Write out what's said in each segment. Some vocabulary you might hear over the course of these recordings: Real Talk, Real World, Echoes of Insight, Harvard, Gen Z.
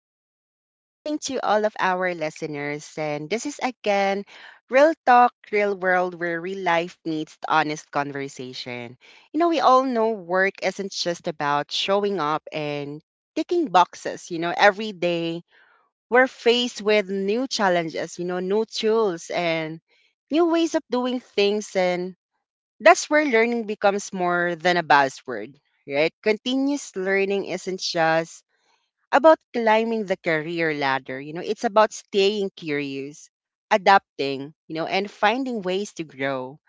afternoon, good evening to all of our listeners. And this is again Real Talk, Real World, where real life meets honest conversation. You know, we all know work isn't just about showing up and ticking boxes. You know, every day we're faced with new challenges, you know, new tools and new ways of doing things. And that's where learning becomes more than a buzzword, right? Continuous learning isn't just about climbing the career ladder. You know, it's about staying curious, adapting, you know, and finding ways to grow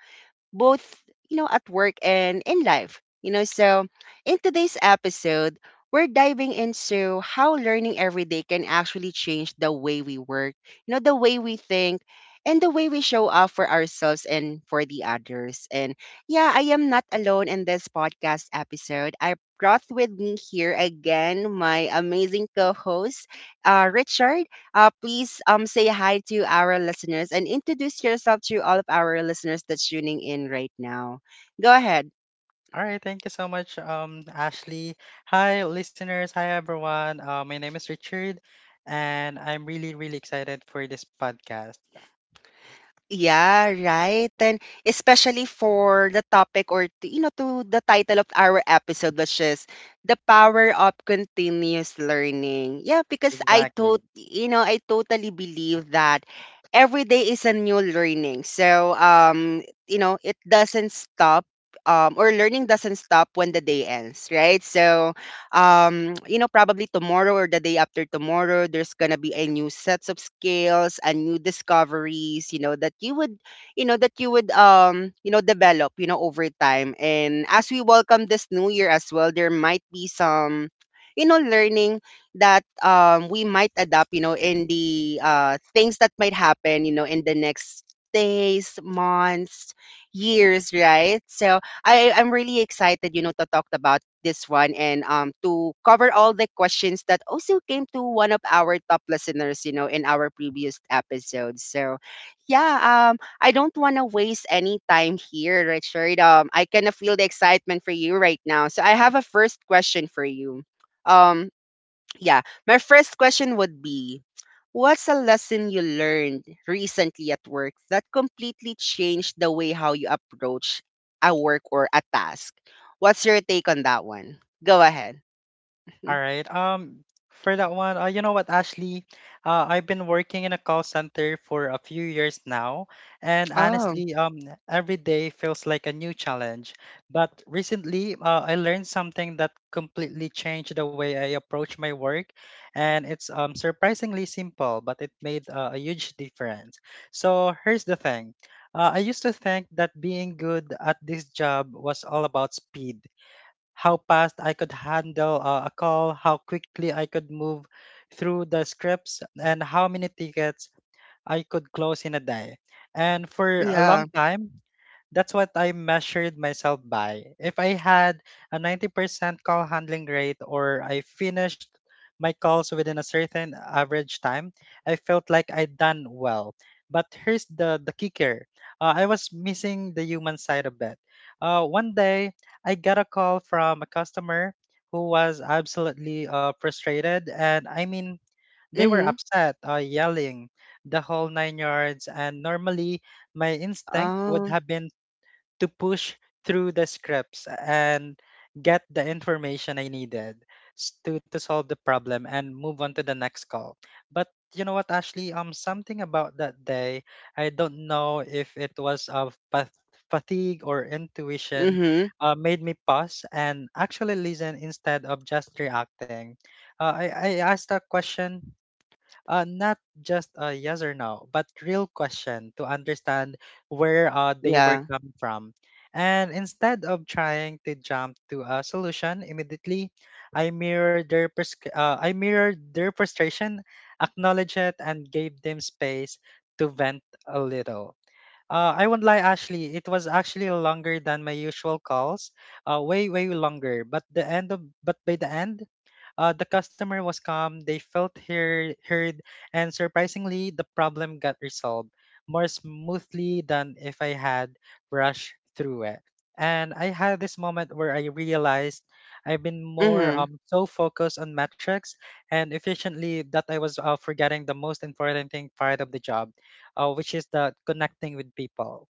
both, you know, at work and in life. You know, so in today's episode, we're diving into how learning every day can actually change the way we work, you know, the way we think, and the way we show up for ourselves and for the others. And yeah, I am not alone in this podcast episode. I brought with me here again my amazing co host, Richard. Please say hi to our listeners and introduce yourself to all of our listeners that's tuning in right now. Go ahead. All right, thank you so much, Ashley. Hi, listeners. Hi, everyone. My name is Richard, and I'm really, really excited for this podcast. Yeah, right. And especially for the topic or to, you know, to the title of our episode, which is the power of continuous learning. Yeah, because I Exactly. tot you know I totally believe that every day is a new learning. So you know, it doesn't stop or learning doesn't stop when the day ends, right? So you know, probably tomorrow or the day after tomorrow, there's gonna be a new sets of skills and new discoveries, you know, that you would, you know, that you would, you know, develop, you know, over time. And as we welcome this new year as well, there might be some, you know, learning that we might adapt, you know, in the things that might happen, you know, in the next days, months, years, right? So I'm really excited, you know, to talk about this one and to cover all the questions that also came to one of our top listeners, you know, in our previous episodes. So, yeah, I don't want to waste any time here, Richard. I kind of feel the excitement for you right now. So, I have a first question for you. Um yeah. My first question would be, what's a lesson you learned recently at work that completely changed the way how you approach a work or a task? What's your take on that one? Go ahead. All Mhm. right. For that one, you know what, Ashley? I've been working in a call center for a few years now, and Oh, honestly, every day feels like a new challenge. But recently, I learned something that completely changed the way I approach my work, and it's surprisingly simple, but it made a huge difference. So here's the thing. I used to think that being good at this job was all about speed, how fast I could handle a call, how quickly I could move through the scripts, and how many tickets I could close in a day. And for a yeah. long time, that's what I measured myself by. If I had a 90% call handling rate or I finished my calls within a certain average time, I felt like I'd done well. But here's the kicker, I was missing the human side a bit. One day, I got a call from a customer who was absolutely frustrated. And I mean, they were Mm-hmm. upset, yelling, the whole nine yards, and normally my instinct would Oh, have been to push through the scripts and get the information I needed to solve the problem and move on to the next call. But you know what, Ashley? Something about that day, I don't know if it was fatigue or intuition, mm-hmm. Made me pause and actually listen instead of just reacting. I asked a question, not just a yes or no, but real question to understand where they were Yeah. coming from. And instead of trying to jump to a solution immediately, I mirrored I mirrored their frustration, acknowledged it, and gave them space to vent a little. I won't lie, Ashley. It was actually longer than my usual calls, way longer. But the end of but by the end, the customer was calm. They felt heard, and surprisingly, the problem got resolved more smoothly than if I had rushed through it. And I had this moment where I realized I've been more Mm-hmm. So focused on metrics and efficiently that I was forgetting the most important thing part of the job, which is the connecting with people.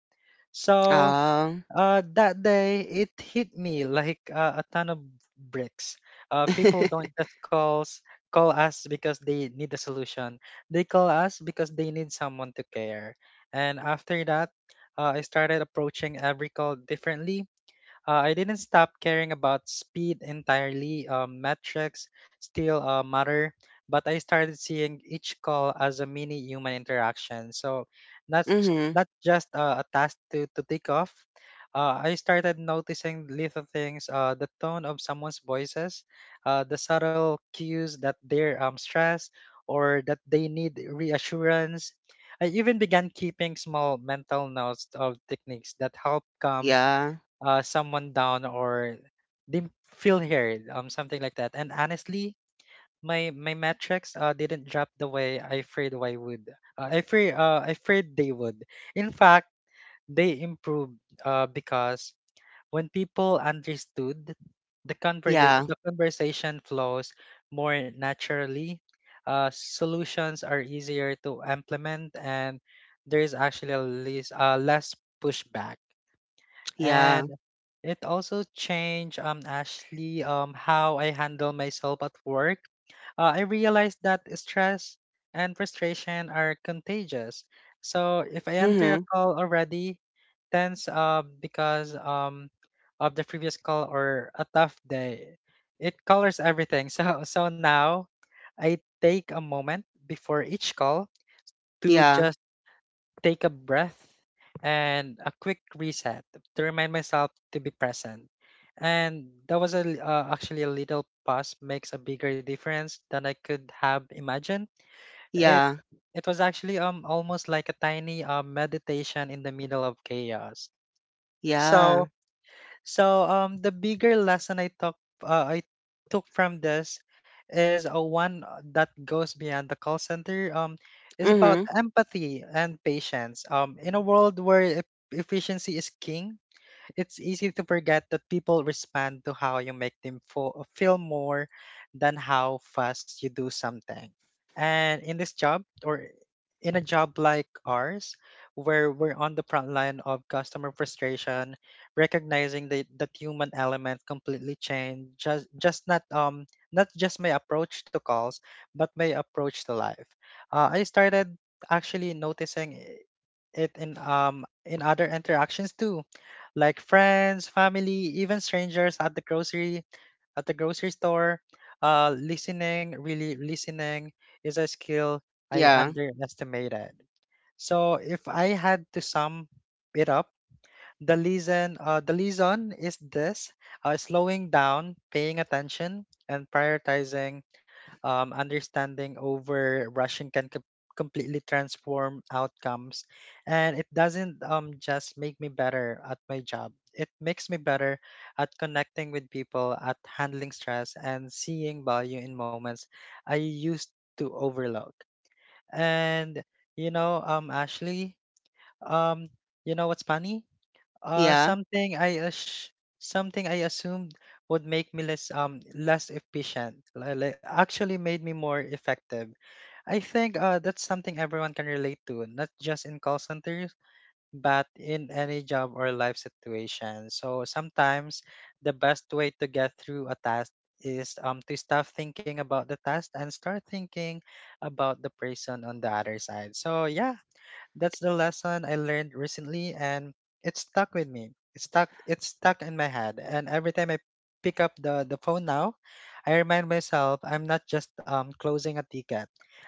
So Oh. That day, it hit me like a ton of bricks. People don't just call us because they need a solution. They call us because they need someone to care. And after that, I started approaching every call differently. I didn't stop caring about speed entirely. Metrics still matter, but I started seeing each call as a mini human interaction. So, Mm-hmm. not just a task to tick off. I started noticing little things: the tone of someone's voices, the subtle cues that they're stressed or that they need reassurance. I even began keeping small mental notes of techniques that help calm Yeah. Someone down or feel heard, something like that. And honestly, my metrics didn't drop the way I feared I would. I feared they would. In fact, they improved, because when people understood, Yeah. the conversation flows more naturally. Solutions are easier to implement, and there is actually a less pushback, Yeah. and it also changed actually how I handle myself at work. I realized that stress and frustration are contagious. So if I enter a Mm-hmm. call already tense, because of the previous call or a tough day, it colors everything. So now I take a moment before each call to Yeah. just take a breath and a quick reset to remind myself to be present. And that was actually a little pause makes a bigger difference than I could have imagined. It Yeah. Was actually almost like a tiny meditation in the middle of chaos. So Yeah. The bigger lesson I uh, I took from this is a one that goes beyond the call center. Is about Mm-hmm. empathy and patience. In a world where efficiency is king, it's easy to forget that people respond to how you make them feel more than how fast you do something. And in this job or in a job like ours, where we're on the front line of customer frustration, recognizing that human element completely changed just not not just my approach to calls, but my approach to life. I started actually noticing it in other interactions too, like friends, family, even strangers at the grocery store. Listening, really listening, is a skill I Yeah. underestimated. So if I had to sum it up, the reason is this: slowing down, paying attention, and prioritizing understanding over rushing can completely transform outcomes. And it doesn't just make me better at my job, it makes me better at connecting with people, at handling stress, and seeing value in moments I used to overlook. And, Ashley, um, you know what's funny? Uh, Yeah. something I ass something I assumed would make me less efficient, like actually made me more effective. I think that's something everyone can relate to, not just in call centers, but in any job or life situation. So sometimes the best way to get through a task is to stop thinking about the task and start thinking about the person on the other side. So yeah, that's the lesson I learned recently and it stuck with me. It's stuck in my head. And every time I pick up the phone now, I remind myself I'm not just closing a ticket.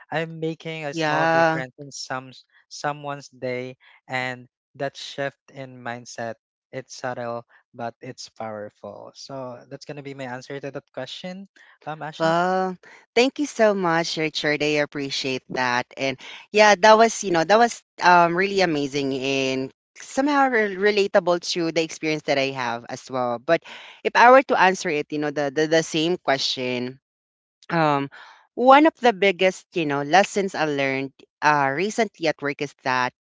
I'm making a small Yeah. difference in someone's day, and that shift in mindset, it's subtle but it's powerful. So that's gonna be my answer to that question. Ashley. Well, thank you so much, Richard. I appreciate that. And yeah, that was, you know, that was really amazing and somehow relatable to the experience that I have as well. But if I were to answer it, you know, the same question, um, one of the biggest, you know, lessons I learned recently at work is that,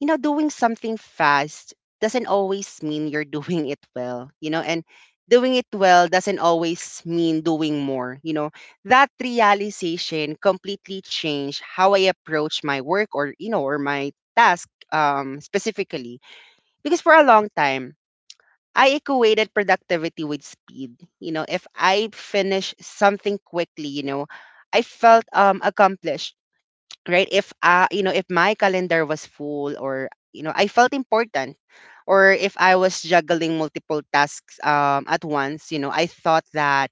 you know, doing something fast doesn't always mean you're doing it well, you know, and doing it well doesn't always mean doing more, you know. That realization completely changed how I approach my work or, you know, or my task specifically. Because for a long time, I equated productivity with speed. You know, if I finish something quickly, you know, I felt accomplished, right? If you know, if my calendar was full or, you know, I felt important, or if I was juggling multiple tasks at once, you know, I thought that,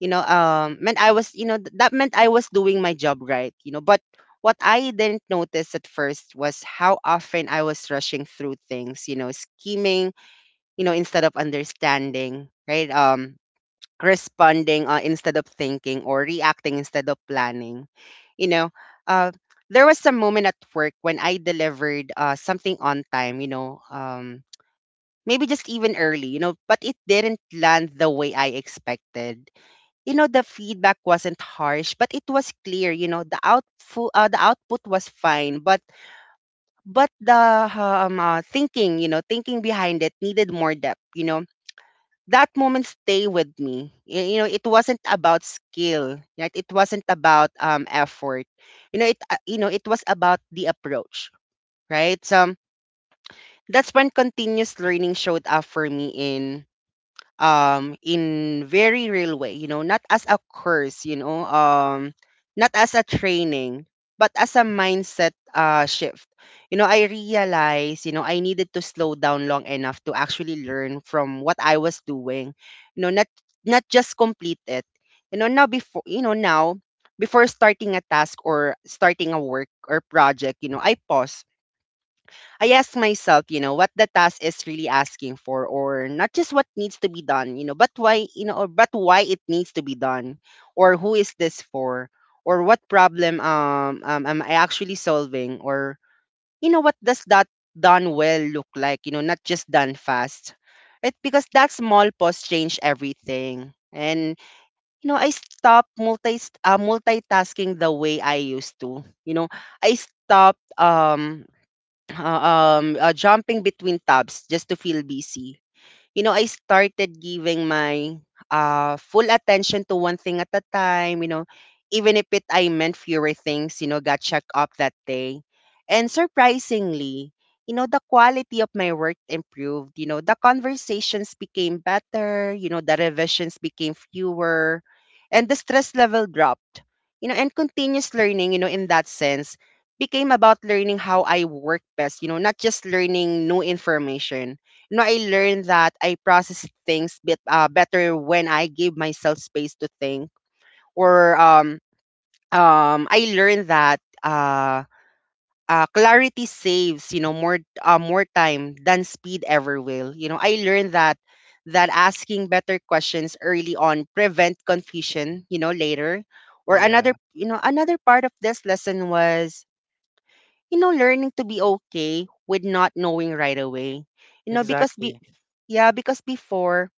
you know, meant I was, you know, that meant I was doing my job right, you know. But what I didn't notice at first was how often I was rushing through things, you know, scheming, you know, instead of understanding, right? Responding instead of thinking or reacting instead of planning. You know, uh, there was some moment at work when I delivered something on time, you know, maybe just even early, you know, but it didn't land the way I expected. You know, the feedback wasn't harsh, but it was clear, you know, the output was fine, but the thinking, you know, thinking behind it needed more depth, you know. That moment stay with me. You know, it wasn't about skill, right? It wasn't about effort. You know, it was about the approach, right? So that's when continuous learning showed up for me in very real way, you know, not as a course, you know, not as a training, but as a mindset shift. You know, I realized, you know, I needed to slow down long enough to actually learn from what I was doing, you know, not just complete it. You know, now before, you know, now before starting a task or starting a work or project, you know, I pause. I ask myself, you know, what the task is really asking for, or not just what needs to be done, you know, but why, you know, or but why it needs to be done, or who is this for, or what problem am I actually solving, or, you know, what does that done well look like, you know, not just done fast, right? Because that small pause changed everything, and you know, I stopped multitasking the way I used to, you know. I stopped uh, jumping between tabs just to feel busy, you know. I started giving my full attention to one thing at a time, you know, even if it I meant fewer things, you know, got checked up that day. And surprisingly, you know, the quality of my work improved. You know, the conversations became better, you know, the revisions became fewer, and the stress level dropped. You know, and continuous learning, you know, in that sense, became about learning how I work best, you know, not just learning new information. No, I learned that I process things bit better when I give myself space to think. Or I learned that clarity saves, you know, more time than speed ever will. You know, I learned that asking better questions early on prevent confusion, you know, later. Or Yeah, another, you know, another part of this lesson was, you know, learning to be okay with not knowing right away, you know. Because be exactly. Yeah, because before,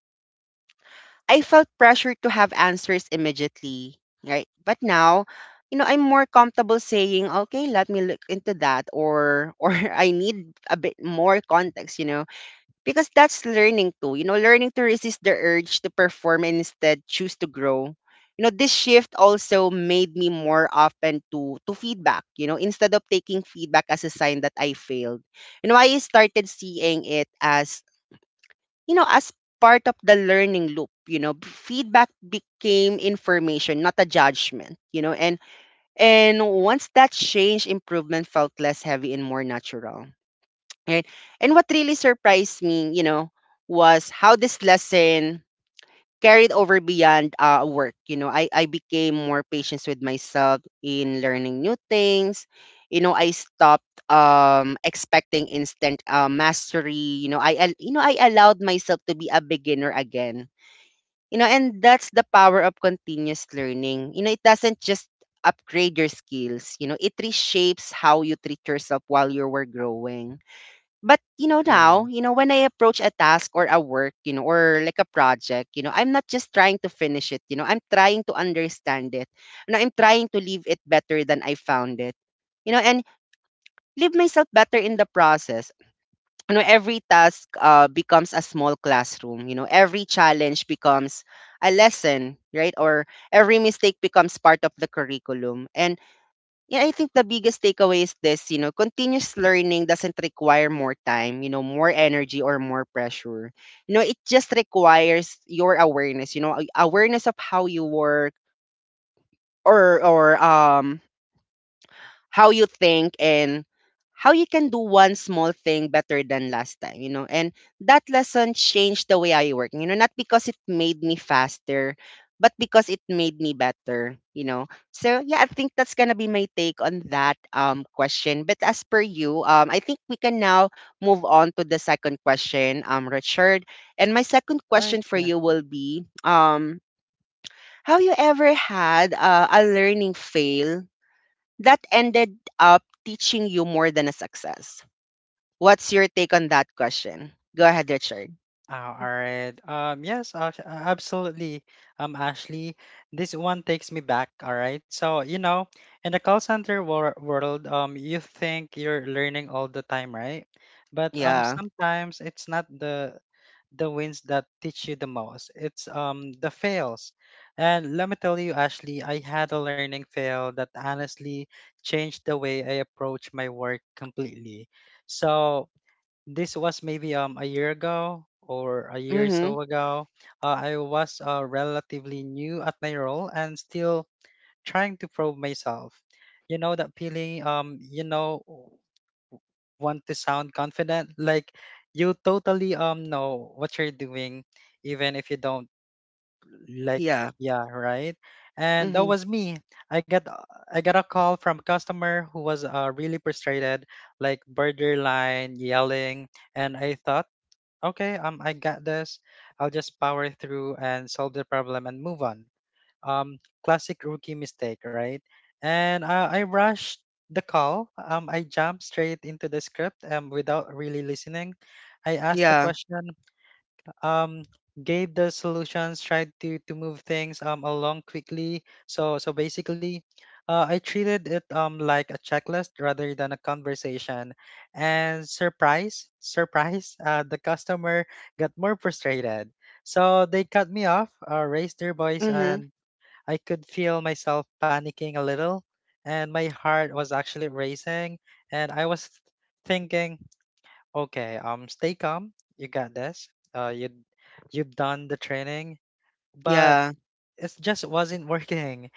I felt pressure to have answers immediately, right? But now, you know, I'm more comfortable saying, "Okay, let me look into that," or or I need a bit more context, you know, because that's learning too. You know, learning to resist the urge to perform and instead choose to grow. You know, this shift also made me more open to feedback. You know, instead of taking feedback as a sign that I failed, you know, I started seeing it as, you know, as part of the learning loop, you know. Feedback became information, not a judgment, you know, and once that change, improvement felt less heavy and more natural, right? And what really surprised me, you know, was how this lesson carried over beyond work. You know, I became more patient with myself in learning new things. You know, I stopped expecting instant mastery. You know, you know, I allowed myself to be a beginner again. You know, and that's the power of continuous learning. You know, it doesn't just upgrade your skills. You know, it reshapes how you treat yourself while you were growing. But you know Yeah. now, you know, when I approach a task or a work, you know, or like a project, you know, I'm not just trying to finish it, you know, I'm trying to understand it. You know, I'm trying to leave it better than I found it. You know, and leave myself better in the process. You know, every task becomes a small classroom. You know, every challenge becomes a lesson, right? Or every mistake becomes part of the curriculum. And yeah, I think the biggest takeaway is this, you know, continuous learning doesn't require more time, you know, more energy or more pressure. You know, it just requires your awareness, you know, awareness of how you work or how you think and how you can do one small thing better than last time, you know. And that lesson changed the way I work, you know, not because it made me faster, but because it made me better, you know. So yeah, I think that's gonna be my take on that question. But as per you, I think we can now move on to the second question, Richard. And my second All right, question for sure. you will be, have you ever had a learning fail that ended up teaching you more than a success? What's your take on that question? Go ahead, Richard. Ah, all right. Yes, absolutely. Ashley, this one takes me back. All right. So, you know, in the call center world, you think you're learning all the time, right? But Yeah. sometimes it's not the wins that teach you the most. It's the fails. And let me tell you, Ashley, I had a learning fail that honestly changed the way I approach my work completely. So this was maybe a year ago or a year or Mm-hmm. so ago. I was relatively new at my role and still trying to prove myself. You know that feeling. You know, want to sound confident, like you totally know what you're doing, even if you don't. Like, Yeah. yeah, right. And that Mm-hmm. was me. I got I got a call from customer who was really frustrated, like borderline yelling, and I thought, okay, I got this. I'll just power through and solve the problem and move on. Um, Classic rookie mistake, right? And I rushed the call. I jumped straight into the script without really listening. I asked the Yeah. question, um gave the solutions, tried to move things along quickly, so basically, I treated it like a checklist rather than a conversation. And surprise the customer got more frustrated, so they cut me off, raised their voice, Mm-hmm. and I could feel myself panicking a little, and my heart was actually racing, and I was thinking, okay, stay calm. You got this. Uh, you, you've done the training, but Yeah. it just wasn't working.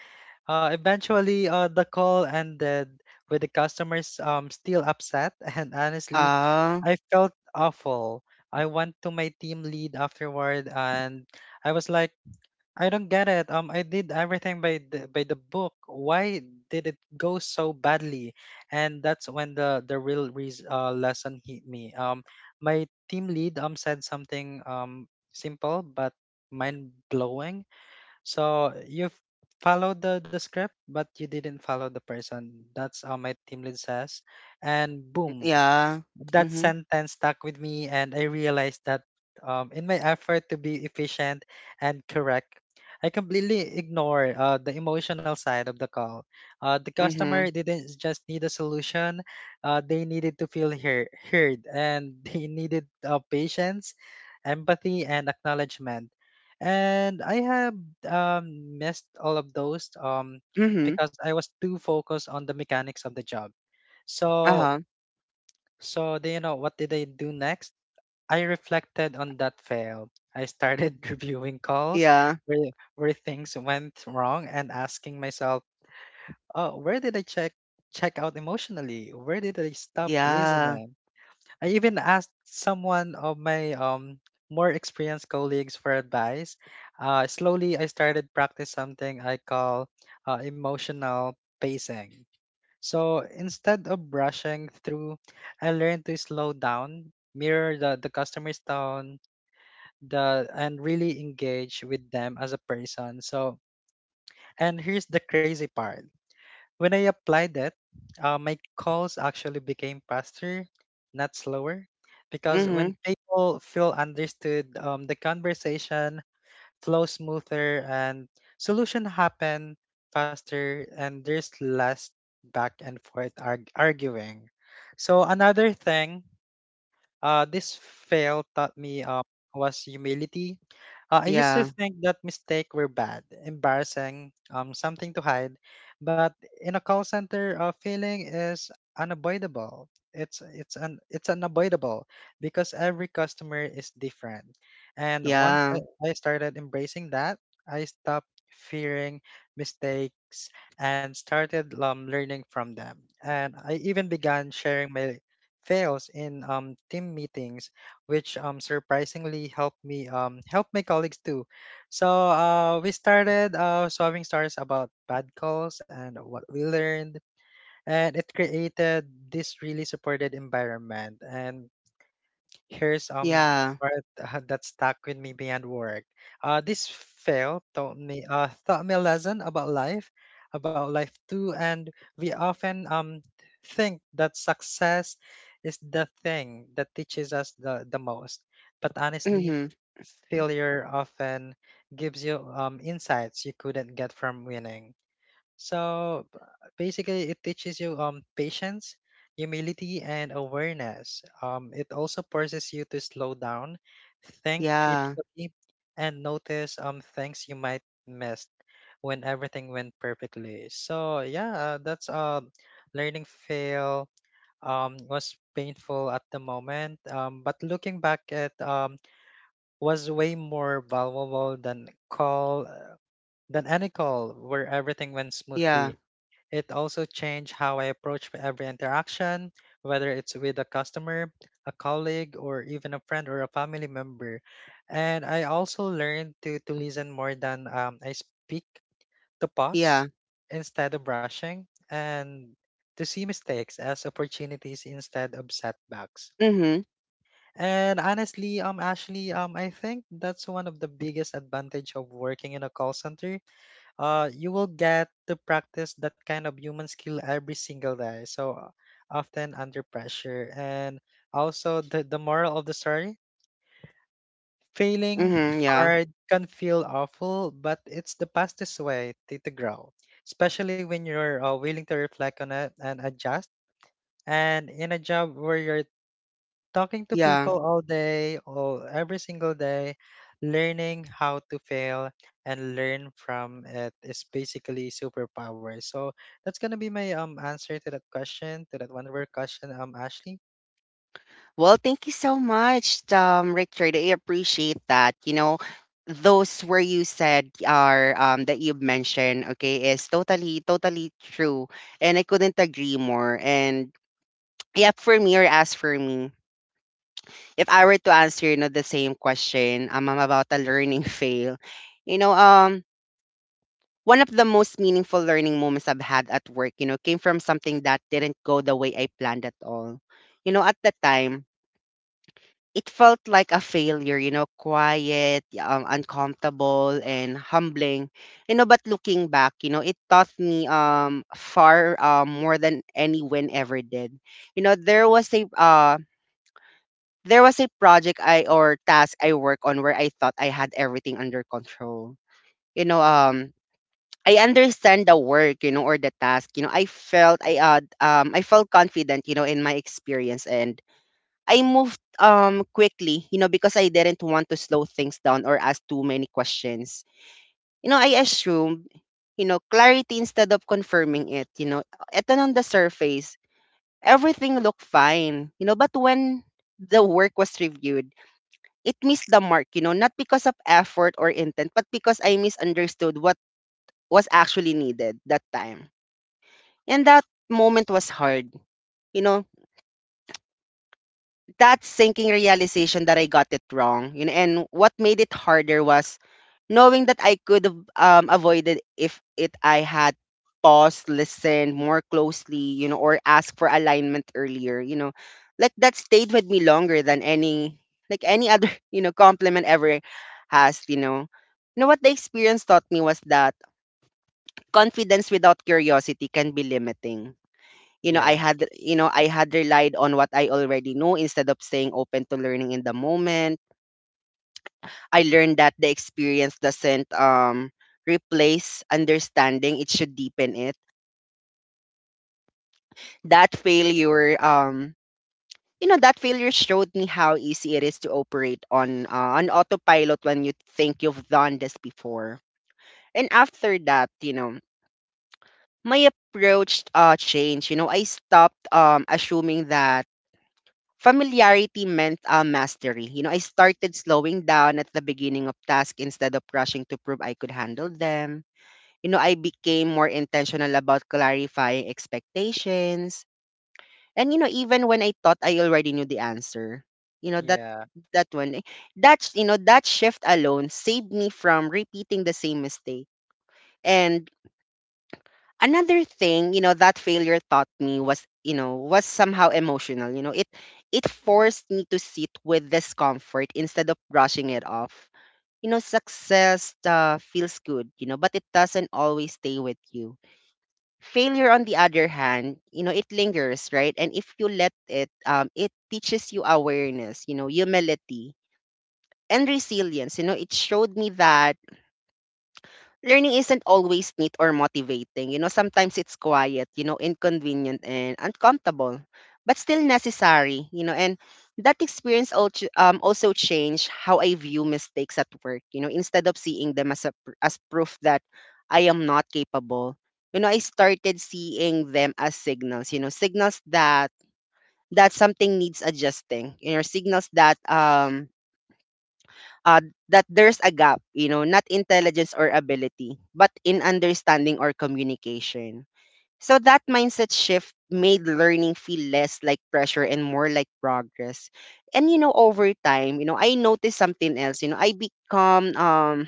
Eventually, the call ended with the customers still upset, and honestly, Ah. I felt awful. I went to my team lead afterward, and I was like, I don't get it. I did everything by the book. Why did it go so badly? And that's when the real reas lesson hit me. My team lead said something simple but mind blowing. So you followed the script, but you didn't follow the person. That's my team lead says, and boom, Yeah. that Mm-hmm. sentence stuck with me, and I realized that in my effort to be efficient and correct, I completely ignore the emotional side of the call. The customer Mm-hmm. didn't just need a solution; they needed to feel heard, and they needed patience, empathy, and acknowledgement. And I have missed all of those, Mm-hmm. because I was too focused on the mechanics of the job. So Uh-huh. so, do you know what did I do next? I reflected on that fail. I started reviewing calls Yeah. where things went wrong and asking myself, "Oh, where did I check out emotionally? Where did I stop Yeah. listening?" I even asked someone of my more experienced colleagues for advice. Slowly, I started practice something I call emotional pacing. So instead of brushing through, I learned to slow down, mirror the customer's tone, the and really engage with them as a person. So and here's the crazy part. When I applied it, my calls actually became faster, not slower, because when Mm-hmm. people feel understood, the conversation flow smoother and solution happen faster and there's less back and forth arguing. So another thing this fail taught me, was humility. I used to Yeah. think that mistake were bad, embarrassing, something to hide, but in a call center, a feeling is unavoidable. It's unavoidable because every customer is different. And once I, Yeah. I started embracing that, I stopped fearing mistakes and started learning from them. And I even began sharing my fails in team meetings, which surprisingly helped me help my colleagues too. So we started swapping stories about bad calls and what we learned, and it created this really supported environment. And here's the Yeah. part that stuck with me beyond work. Uh, this fail taught me a lesson about life too, and we often think that success is the thing that teaches us the most. But honestly, Mm-hmm. failure often gives you insights you couldn't get from winning. So basically, it teaches you patience, humility, and awareness. It also forces you to slow down, think Yeah. critically, and notice things you might miss when everything went perfectly. So yeah, that's learning fail was painful at the moment. But looking back it was way more valuable than call than any call where everything went Yeah. smoothly. It also changed how I approach every interaction, whether it's with a customer, a colleague, or even a friend or a family member. And I also learned to listen more than I speak, to pause Yeah. instead of rushing, and to see mistakes as opportunities instead of setbacks. Mm-hmm. And honestly, Ashley, I think that's one of the biggest advantage of working in a call center. You will get to practice that kind of human skill every single day. So often under pressure. And also the moral of the story, failing Mm-hmm. Yeah. hard can feel awful, but it's the fastest way to grow, especially when you're willing to reflect on it and adjust. And in a job where you're talking to Yeah. people all day, all every single day, learning how to fail and learn from it is basically superpower. So that's gonna be my answer to that question, to that one word question, Ashley. Well, thank you so much, Richard. I appreciate that. You know, those where you said are that you've mentioned, okay, is totally, totally true. And I couldn't agree more. And yeah, for me or as for me, if I were to answer, you know, the same question, I'm about a learning fail. You know, um, one of the most meaningful learning moments I've had at work, you know, came from something that didn't go the way I planned at all. You know, at the time, it felt like a failure, you know, quiet, uncomfortable, and humbling. You know, but looking back, you know, it taught me far more than any win ever did. You know, there was a project I or task I work on where I thought I had everything under control. You know, I understand the work, you know, or the task. You know, I felt confident, you know, in my experience and I moved quickly, you know, because I didn't want to slow things down or ask too many questions. You know, I assumed, you know, clarity instead of confirming it, you know. Ito on the surface, everything looked fine, you know, but when the work was reviewed, it missed the mark, you know, not because of effort or intent, but because I misunderstood what was actually needed that time. And that moment was hard. You know, that sinking realization that I got it wrong, you know, and what made it harder was knowing that I could have avoided if it I had paused, listened more closely, you know, or asked for alignment earlier, you know, like that stayed with me longer than any like any other you know compliment ever has, you know. You know what the experience taught me was that confidence without curiosity can be limiting. You know, i Yeah, had you know i had relied on what I already know instead of staying open to learning in the moment. I learned that the experience doesn't replace understanding, it should deepen it. That failure, you know, that failure showed me how easy it is to operate on autopilot when you think you've done this before. And after that, you know, my approach changed. You know, I stopped assuming that familiarity meant mastery. You know, I started slowing down at the beginning of tasks instead of rushing to prove I could handle them. You know, I became more intentional about clarifying expectations. And you know, even when I thought I already knew the answer, you know, yeah, that one eh, that you know, that shift alone saved me from repeating the same mistake. And another thing, you know, that failure taught me was, you know, was somehow emotional. You know, it forced me to sit with discomfort instead of brushing it off. You know, success feels good, you know, but it doesn't always stay with you. Failure, on the other hand, you know, it lingers, right? And if you let it, it teaches you awareness, you know, humility and resilience. You know, it showed me that learning isn't always neat or motivating. You know, sometimes it's quiet, you know, inconvenient and uncomfortable, but still necessary, you know. And that experience also, also changed how I view mistakes at work. You know, instead of seeing them as, a, as proof that I am not capable, you know, I started seeing them as signals, you know, signals that that something needs adjusting, you know, signals that uh, that there's a gap, you know, not intelligence or ability, but in understanding or communication. So that mindset shift made learning feel less like pressure and more like progress. And you know, over time, you know, I noticed something else. You know, I become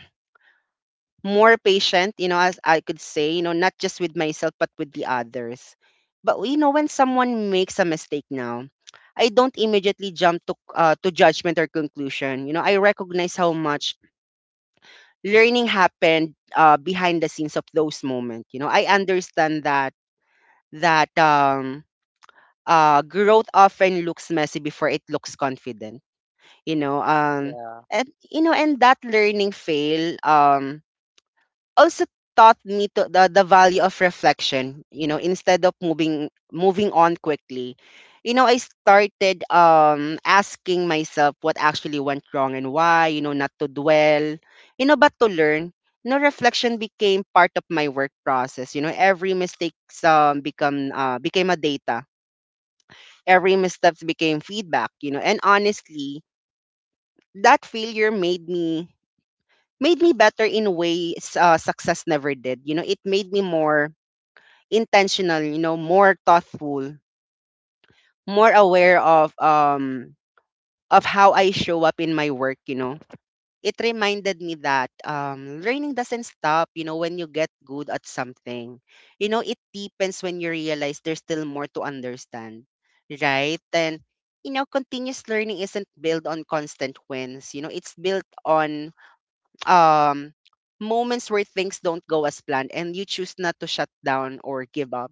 more patient, you know, as I could say, you know, not just with myself but with the others. But you know, when someone makes a mistake now, I don't immediately jump to judgment or conclusion. You know, I recognize how much learning happened behind the scenes of those moments. You know, I understand that that growth often looks messy before it looks confident. You know, yeah. and you know, and that learning fail also taught me to the value of reflection. You know, instead of moving on quickly, you know, I started asking myself what actually went wrong and why, you know, not to dwell, you know, but to learn. You know, reflection became part of my work process. You know, every mistake become became a data, every missteps became feedback. You know, and honestly, that failure made me better in ways success never did. You know, it made me more intentional, you know, more thoughtful, more aware of how I show up in my work, you know. It reminded me that learning doesn't stop, you know, when you get good at something. You know, it deepens when you realize there's still more to understand, right? And you know, continuous learning isn't built on constant wins. You know, it's built on um moments where things don't go as planned and you choose not to shut down or give up.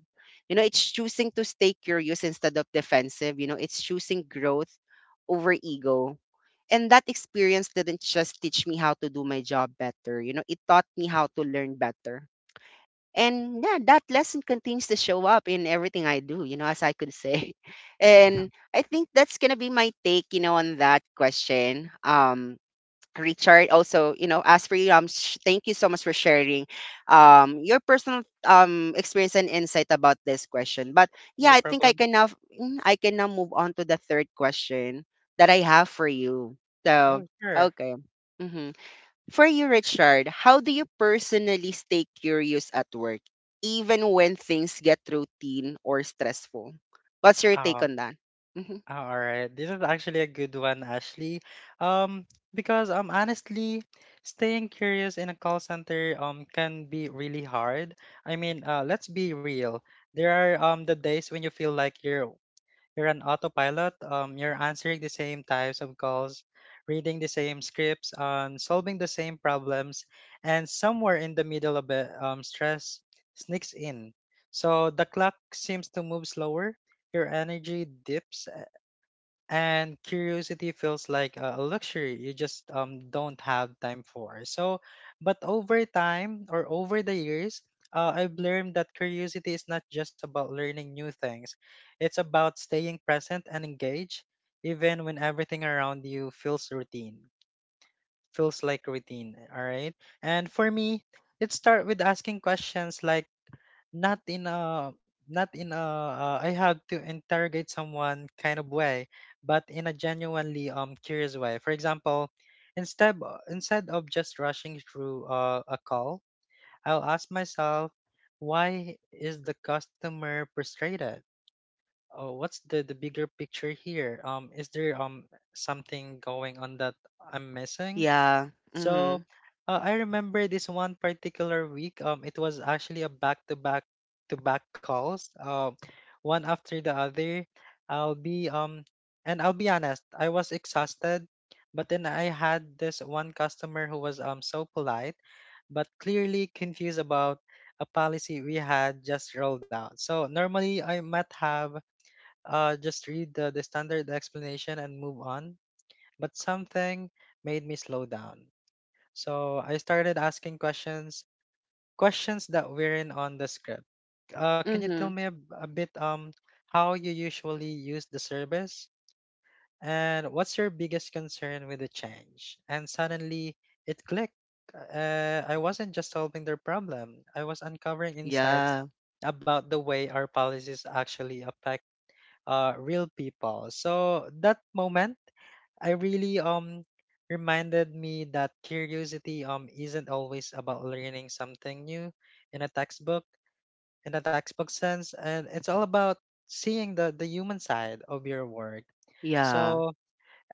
You know, it's choosing to stay curious instead of defensive. You know, it's choosing growth over ego. And that experience didn't just teach me how to do my job better, you know, it taught me how to learn better. And yeah, that lesson continues to show up in everything I do, you know, as I could say. And I think that's gonna be my take, you know, on that question, Richard. Also, you know, as for you, thank you so much for sharing your personal experience and insight about this question. But No yeah, I think I problem. can now mm, I can now move on to the third question that I have for you. So Oh sure. okay. Hmm. For you, Richard, how do you personally stay curious at work, even when things get routine or stressful? What's your take on that? Mm-hmm. Ah, alright, this is actually a good one, Ashley. Um, because Honestly, staying curious in a call center can be really hard. I mean, let's be real. There are the days when you feel like you're an autopilot. You're answering the same types of calls, reading the same scripts, solving the same problems, and somewhere in the middle of it, stress sneaks in. So the clock seems to move slower. Your energy dips and curiosity feels like a luxury you just don't have time for. So but over time or over the years, I've learned that curiosity is not just about learning new things. It's about staying present and engaged even when everything around you feels routine feels like routine All right and for me it start with asking questions like, not in a not in a I have to interrogate someone kind of way, but in a genuinely curious way. For example, instead instead of just rushing through a call, I'll ask myself, why is the customer frustrated? Oh, what's the bigger picture here? Is there something going on that I'm missing? Yeah. Mm-hmm. So I remember this one particular week. It was actually a back to back to back calls. One after the other. I'll be and I'll be honest. I was exhausted, but then I had this one customer who was so polite, but clearly confused about a policy we had just rolled out. So normally I might have just read the standard explanation and move on, but something made me slow down. So I started asking questions, questions that weren't on the script. Can you tell Mm-hmm. me a bit how you usually use the service and what's your biggest concern with the change? And suddenly it clicked. I wasn't just solving their problem. I was uncovering insights Yeah. about the way our policies actually affect real people. So that moment I really reminded me that curiosity isn't always about learning something new in a textbook in a textbook sense, and it's all about seeing the human side of your work. Yeah. So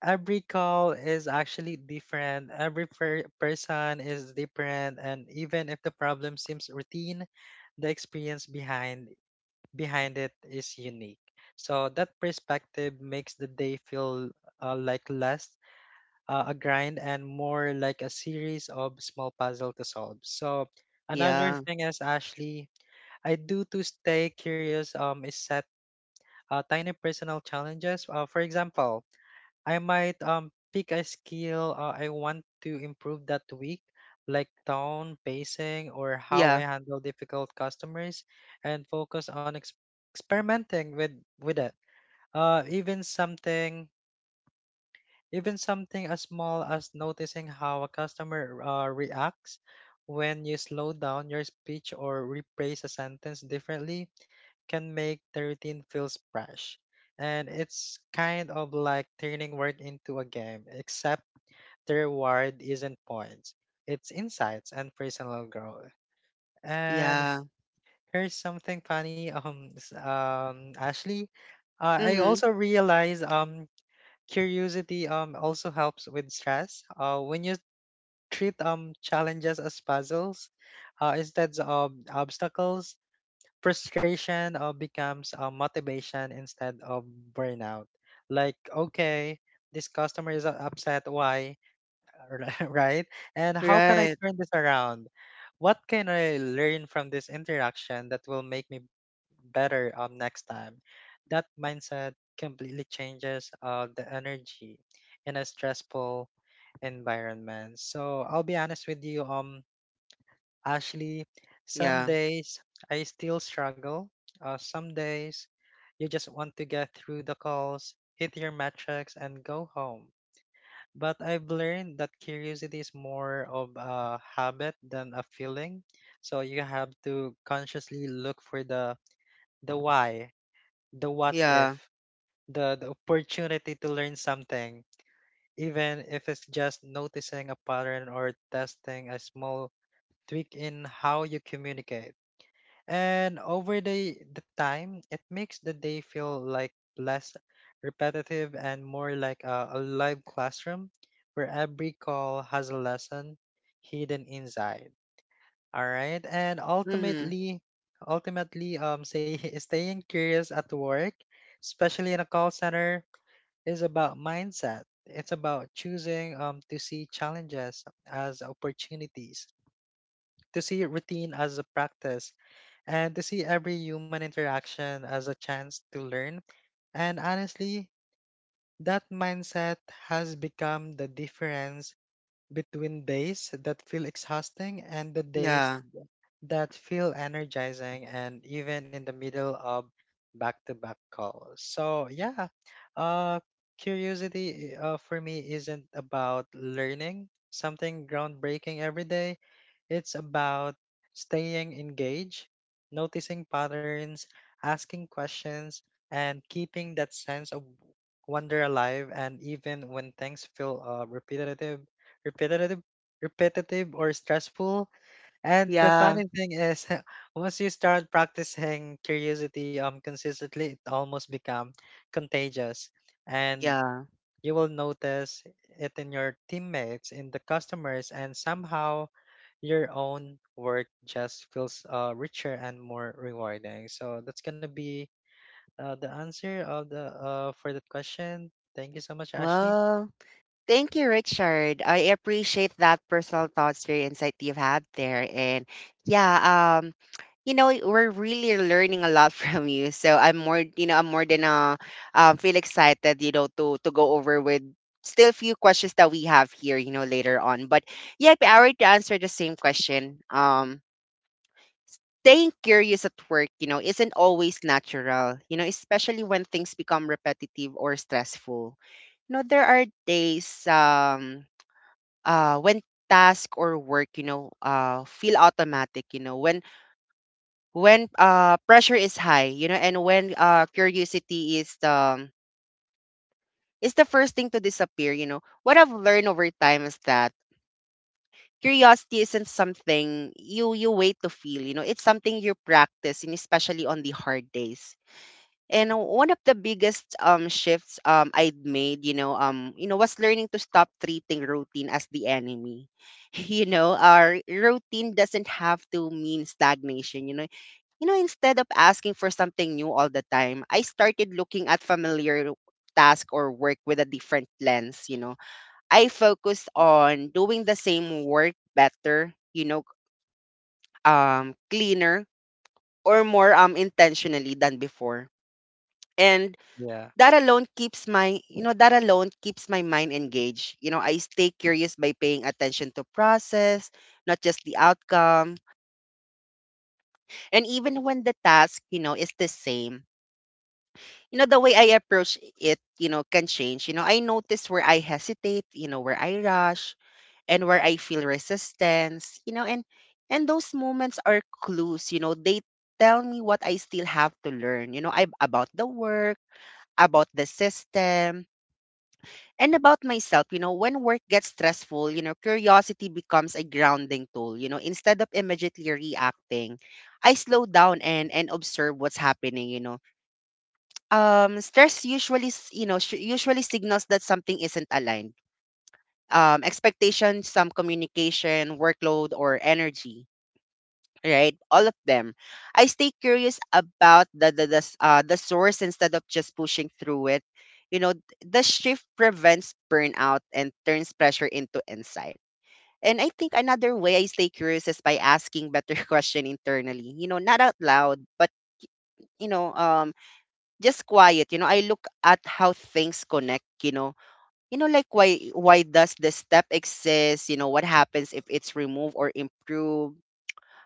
every call is actually different. Person is different and even if the problem seems routine, the experience behind it is unique. So that perspective makes the day feel like less a grind and more like a series of small puzzle to solve. So another Yeah. thing is actually I do to stay curious is set tiny personal challenges. For example, I might pick a skill I want to improve that week like tone, pacing or how Yeah. I handle difficult customers and focus on experimenting with it. Uh even something even something as small as noticing how a customer reacts when you slow down your speech or rephrase a sentence differently can make the routine feel fresh. And it's kind of like turning work into a game, except the reward isn't points, it's insights and personal growth. And Yeah. here's something funny, Ashley. I Mhm. also realized curiosity also helps with stress. When you treat challenges as puzzles instead of obstacles, frustration becomes motivation instead of burnout. Like, okay, this customer is upset. Why? Right? And how can I Right. turn this around? What can I learn from this interaction that will make me better next time? That mindset completely changes the energy in a stressful environment. So I'll be honest with you, Ashley, some Yeah. days I still struggle. Some days you just want to get through the calls, hit your metrics, and go home, but I've learned that curiosity is more of a habit than a feeling. So you have to consciously look for the why, the what Yeah. if, the opportunity to learn something, even if it's just noticing a pattern or testing a small tweak in how you communicate. And over the time, it makes the day feel like less repetitive and more like a live classroom where every call has a lesson hidden inside. All right. And Mhm. ultimately, say staying curious at work, especially in a call center, is about mindset. It's about choosing to see challenges as opportunities, to see routine as a practice, and to see every human interaction as a chance to learn. And honestly, that mindset has become the difference between days that feel exhausting and the days Yeah. that feel energizing, and even in the middle of back to back calls. So, yeah, uh, curiosity for me isn't about learning something groundbreaking every day. It's about staying engaged, noticing patterns, asking questions, and keeping that sense of wonder alive. And even when things feel repetitive, repetitive or stressful. And the Yeah. funny thing is, once you start practicing curiosity consistently, it almost become contagious. And Yeah. you will notice it in your teammates, in the customers, and somehow your own work just feels richer and more rewarding. So that's gonna be the answer of the for that question. Thank you so much, Ashley. Well, thank you, Richard. I appreciate that personal thoughts or insight you've had there. And yeah, you know, we're really learning a lot from you. So I'm more, you know, I'm more than feel excited, you know, to go over with still a few questions that we have here, you know, later on. But yeah, if I were to answer the same question, um, staying curious at work, you know, isn't always natural, you know, especially when things become repetitive or stressful. You know, there are days when task or work, you know, feel automatic, you know, when pressure is high, you know, and when curiosity is the first thing to disappear, you know. What I've learned over time is that curiosity isn't something you wait to feel, you know, it's something you practice and especially on the hard days. And one of the biggest shifts I'd made, you know, was learning to stop treating routine as the enemy. You know, our routine doesn't have to mean stagnation, you know. You know, instead of asking for something new all the time, I started looking at familiar task or work with a different lens, you know. I focused on doing the same work better, you know, cleaner or more intentionally than before. And Yeah, that alone keeps my you know that alone keeps my mind engaged. You know, I stay curious by paying attention to process, not just the outcome. And even when the task, you know, is the same, you know, the way I approach it, you know, can change. You know, I notice where I hesitate, you know, where I rush, and where I feel resistance, you know. And those moments are clues, you know, they tell me what I still have to learn, you know, I about the work, about the system, and about myself, you know. When work gets stressful, you know, curiosity becomes a grounding tool. You know, instead of immediately reacting, I slow down and observe what's happening. You know, stress usually, you know, usually signals that something isn't aligned. Expectation, some communication, workload, or energy, right? All of them. I stay curious about the source instead of just pushing through it. You know, the shift prevents burnout and turns pressure into insight. And I think another way I stay curious is by asking better question internally. You know, not out loud, but you know, um, just quiet. You know, I look at how things connect. Like why does this step exist? You know, what happens if it's removed or improved?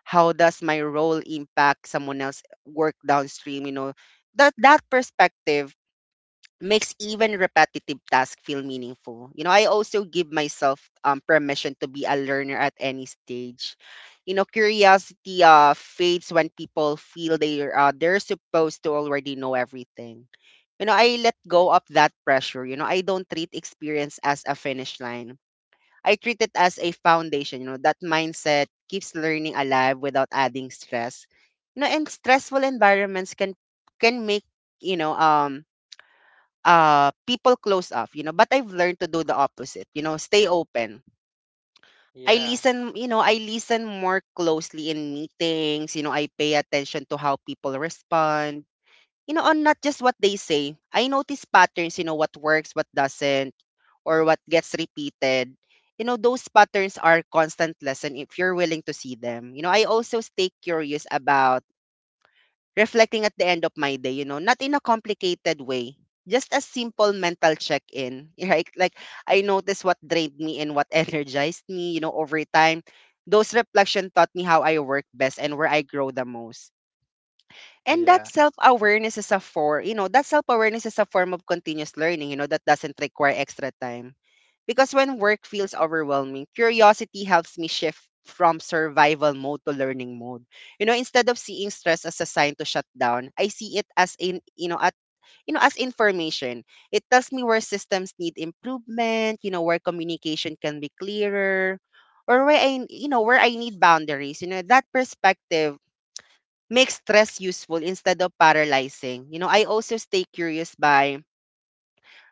How does my role impact someone else work downstream. That perspective makes even repetitive tasks feel meaningful. I also give myself permission to be a learner at any stage. Curiosity fades when people feel they are they're supposed to already know everything. I let go of that pressure. I don't treat experience as a finish line. I treat it as a foundation. You know, that mindset keeps learning alive without adding stress. You know, and stressful environments can make you know um people close off. You know, but I've learned to do the opposite. You know, stay open. I yeah, listen, you know, I listen more closely in meetings. You know, I pay attention to how people respond, on not just what they say. I notice patterns, you know, what works, what doesn't, or what gets repeated. You know, those patterns are constant lesson if you're willing to see them. You know, I also stay curious about reflecting at the end of my day, you know, not in a complicated way. Just a simple mental check-in, right? Like I notice what drained me and what energized me, you know, over time. Those reflection taught me how I work best and where I grow the most, and that yeah, self-awareness is a form you know that self-awareness is a form of continuous learning. That doesn't require extra time, because when work feels overwhelming, curiosity helps me shift from survival mode to learning mode. Instead of seeing stress as a sign to shut down, I see it as in you know at you know as information. It tells me where systems need improvement, where communication can be clearer, or where I, where I need boundaries. That perspective make stress useful instead of paralyzing. You know, I also stay curious by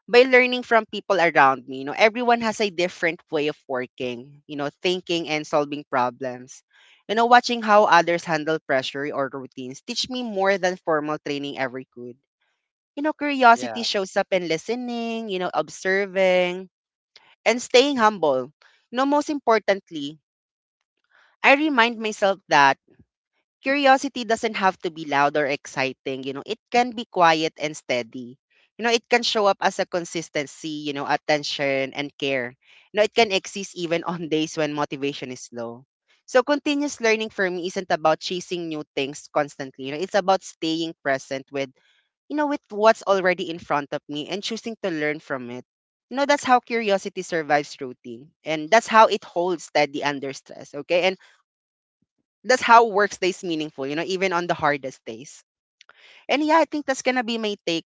learning from people around me. You know, everyone has a different way of working, you know, thinking and solving problems. You know, watching how others handle pressure or routines teach me more than formal training ever could. You know, curiosity yeah. shows up in listening, you know, observing and staying humble. You know, most importantly, I remind myself that curiosity doesn't have to be loud or exciting, you know. It can be quiet and steady. You know, it can show up as a consistency, you know, attention and care. You know, it can exist even on days when motivation is low. So continuous learning for me isn't about chasing new things constantly. You know, it's about staying present with, you know, with what's already in front of me and choosing to learn from it. You know, that's how curiosity survives routine. And that's how it holds steady under stress. Okay. And that's how work stays meaningful, you know, even on the hardest days. And yeah, I think that's gonna be my take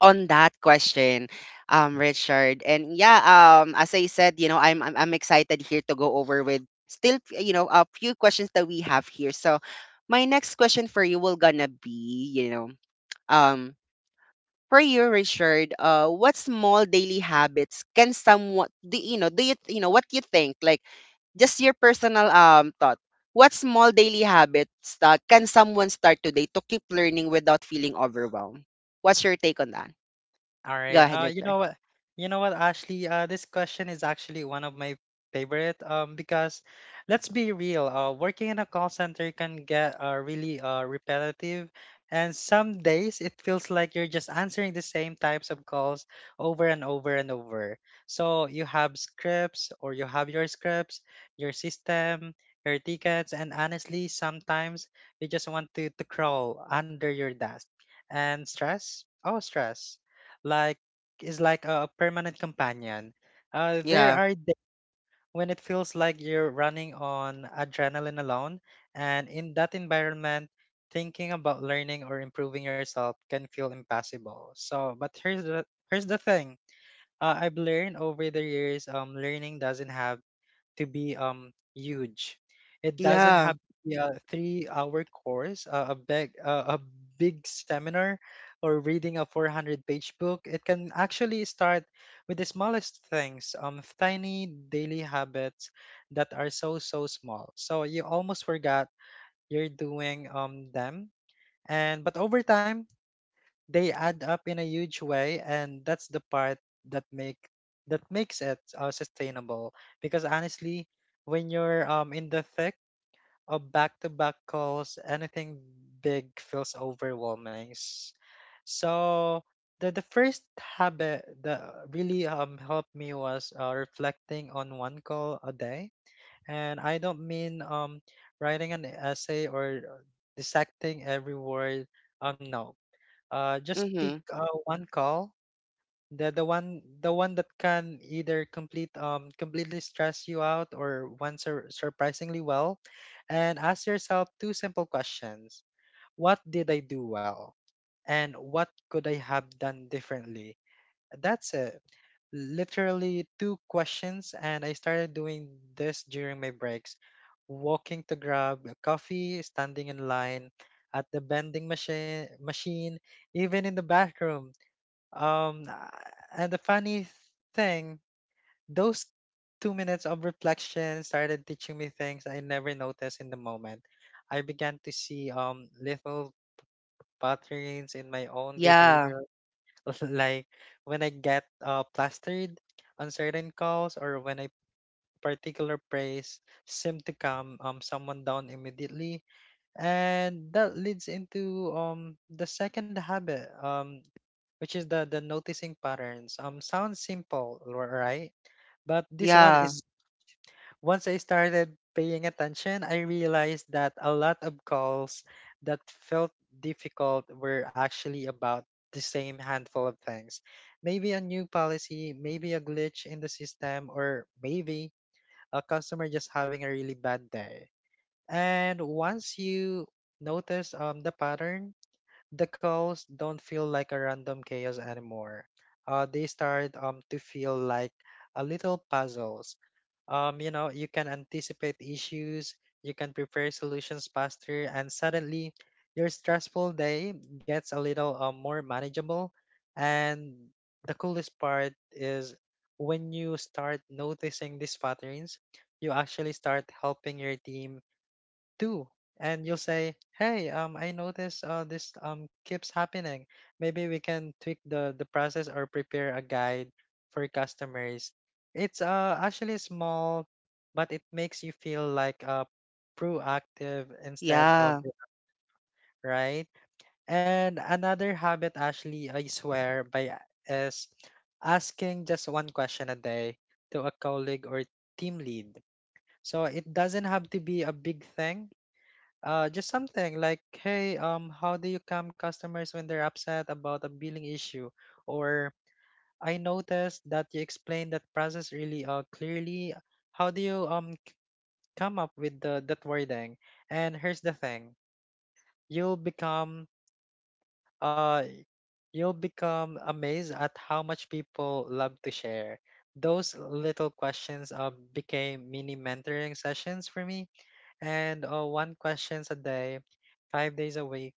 on that question, Richard. And yeah, as I said, you know, I'm excited here to go over with still, you know, a few questions that we have here. So my next question for you will gonna be, you know, um, for you, Richard, what small daily habits can someone do? You know, do you you know what do you think like? Just your personal thought. What small daily habits can someone start today to keep learning without feeling overwhelmed? What's your take on that? All Go right. ahead, Richard. You know what, Ashley? This question is actually one of my favorite. Because let's be real. Working in a call center can get really repetitive, and some days it feels like you're just answering the same types of calls over and over and over. So you have scripts, or you have your scripts, your system, your tickets, and honestly, sometimes you just want to crawl under your desk and stress. Oh, stress like is like a permanent companion. There Yeah. are days when it feels like you're running on adrenaline alone, and in that environment, thinking about learning or improving yourself can feel impossible. So, but here's the thing. I've learned over the years, learning doesn't have to be huge. It doesn't Yeah. have to be a three-hour course, a big seminar, or reading a 400-page book. It can actually start with the smallest things, tiny daily habits that are so small. So you almost forgot you're doing them, and but over time they add up in a huge way, and that's the part that make that makes it sustainable, because honestly when you're in the thick of back-to-back calls, anything big feels overwhelming. So the first habit that really helped me was reflecting on one call a day. And I don't mean writing an essay or dissecting every word. No, just pick Mhm. One call, the one that can either completely stress you out, or one surprisingly well, and ask yourself two simple questions: What did I do well, and what could I have done differently? That's it. Literally two questions. And I started doing this during my breaks. Walking to grab a coffee, standing in line at the vending machine, even in the bathroom. And the funny thing, those 2 minutes of reflection started teaching me things I never noticed in the moment. I began to see little patterns in my own Yeah. behavior like when I get plastered on certain calls, or when a particular praise seem to calm someone down immediately. And that leads into the second habit, which is the noticing patterns. Sounds simple, right? But this one Yeah. is, once I started paying attention, I realized that a lot of calls that felt difficult were actually about the same handful of things. Maybe a new policy, maybe a glitch in the system, or maybe a customer just having a really bad day. And once you notice the pattern, the calls don't feel like a random chaos anymore. They start to feel like a little puzzles. You know, you can anticipate issues, you can prepare solutions faster, and suddenly your stressful day gets a little more manageable. And the coolest part is, when you start noticing these patterns, you actually start helping your team do. And you'll say, hey, I noticed this keeps happening, maybe we can tweak the process or prepare a guide for customers. It's actually small, but it makes you feel like proactive instead of, Yeah. right? And another habit actually I swear by is asking just one question a day, to a colleague or team lead. So it doesn't have to be a big thing, just something like, hey, how do you calm customers when they're upset about a billing issue? Or, I noticed that you explained that process really clearly. How do you come up with the that wording? And here's the thing, you'll become uh you'll become amazed at how much people love to share. Those little questions became mini mentoring sessions for me, and one questions a day, 5 days a week.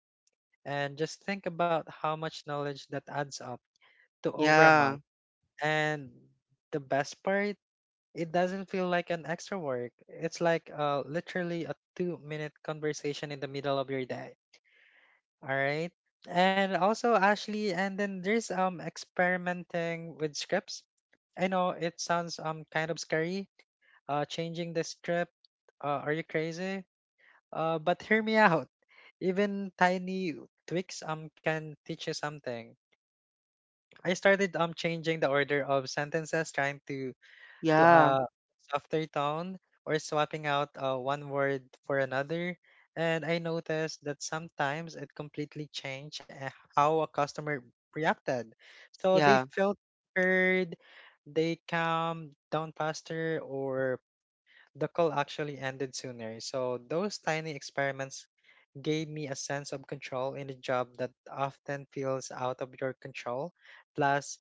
And just think about how much knowledge that adds up to over a month. Yeah. And the best part, it doesn't feel like an extra work. It's like literally a 2 minute conversation in the middle of your day. All right. And also, Ashley, and then there's experimenting with scripts. I know it sounds kind of scary, changing the script. Are you crazy? But hear me out. Even tiny tweaks can teach you something. I started changing the order of sentences, trying to to Yeah. uh softer tone, or swapping out one word for another. And I noticed that sometimes it completely changed how a customer reacted. So they Yeah. felt heard, they calmed down faster, or the call actually ended sooner. So those tiny experiments gave me a sense of control in a job that often feels out of your control. Plus,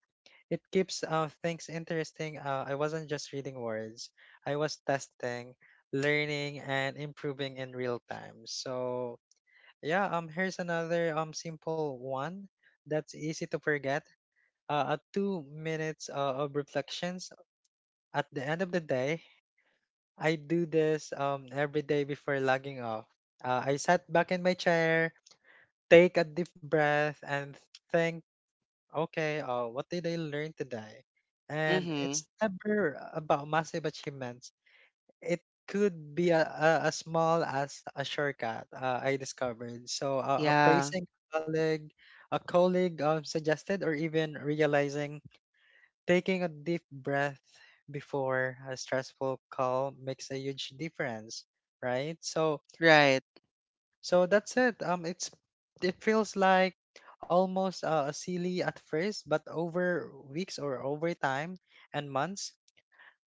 it keeps things interesting. I wasn't just reading words, I was testing, learning, and improving in real time. So, yeah, here's another simple one that's easy to forget. 2 minutes of reflections at the end of the day. I do this every day before logging off. I sat back in my chair, take a deep breath, and think, okay, what did I learn today? And Mhm. it's never about massive achievements. It could be a small as a shortcut I discovered. So Yeah. appraising a colleague suggested, or even realizing taking a deep breath before a stressful call makes a huge difference, right? So Right. so that's it. It's, it feels like almost silly at first, but over weeks or over time and months,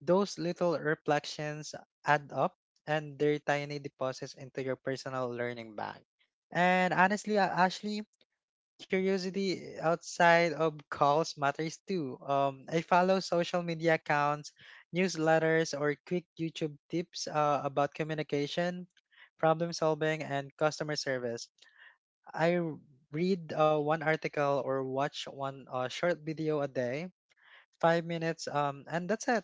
those little reflections add up, and they're tiny deposits into your personal learning bag. And honestly, Ashley, curiosity outside of calls matters too. I follow social media accounts, newsletters, or quick YouTube tips about communication, problem solving, and customer service. I read one article or watch one short video a day, 5 minutes, and that's it.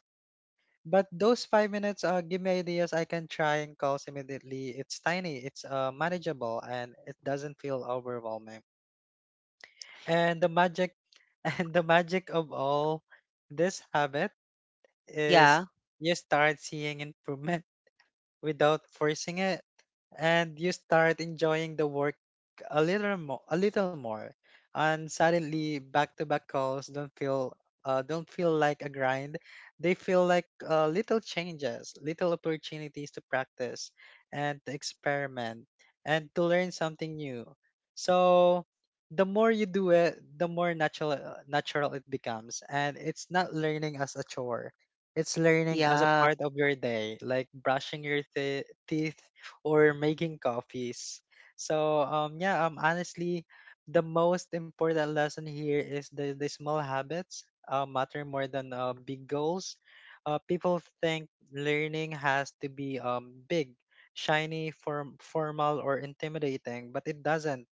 But those 5 minutes give me ideas I can try and cause immediately. It's tiny, it's manageable, and it doesn't feel overwhelming. And the magic and the magic of all this habit is, Yeah. you start seeing improvement without forcing it, and you start enjoying the work a little more, and suddenly back to back calls don't feel like a grind. They feel like little changes, little opportunities to practice, and to experiment, and to learn something new. So the more you do it, the more natural it becomes, and it's not learning as a chore, it's learning as a Yeah. part of your day, like brushing your teeth or making coffees. So um, yeah, um, honestly, the most important lesson here is the small habits matter more than big goals. People think learning has to be big, shiny, formal, or intimidating, but it doesn't.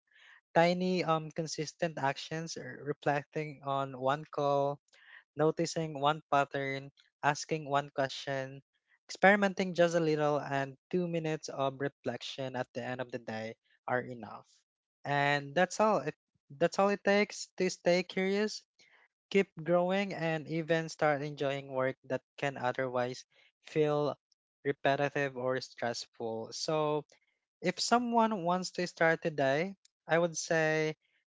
Tiny consistent actions, reflecting on one call, noticing one pattern, asking one question, experimenting just a little, and 2 minutes of reflection at the end of the day are enough. And that's all. That's all it takes to stay curious, keep growing, and even start enjoying work that can otherwise feel repetitive or stressful. So, if someone wants to start today, I would say,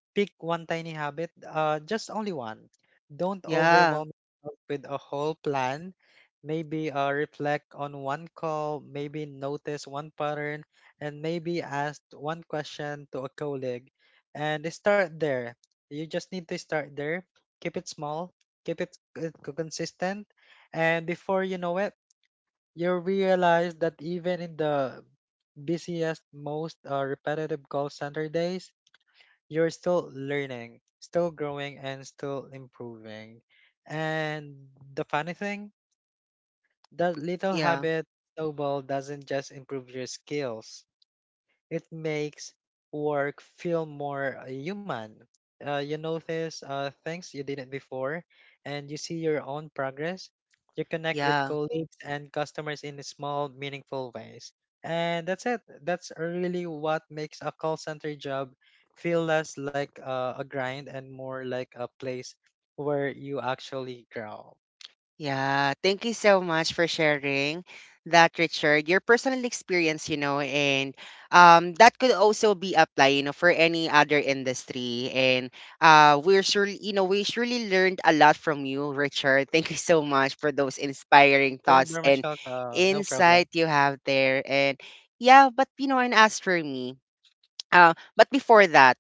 pick one tiny habit, just only one. Don't Yeah. overwhelm yourself with a whole plan. Maybe reflect on one call, maybe notice one pattern, and maybe ask one question to a colleague. And start there. You just need to start there. Keep it small, keep it consistent, and before you know it, you realize that even in the busiest, most repetitive call center days, you're still learning, still growing, and still improving. And the funny thing, that little Yeah. habit snowball doesn't just improve your skills, it makes work feel more human. You notice things you didn't before, and you see your own progress. You connect with Yeah. colleagues and customers in small, meaningful ways. And that's it. That's really what makes a call center job feel less like a grind and more like a place where you actually grow. Yeah, thank you so much for sharing that, Richard. Your personal experience, you know, and that could also be applied, you know, for any other industry. And we're surely, you know, we surely learned a lot from you, Richard. Thank you so much for those inspiring Sure, thoughts and Barmashal, no insight problem. you have there. And yeah, but you know, and as for me, but before that,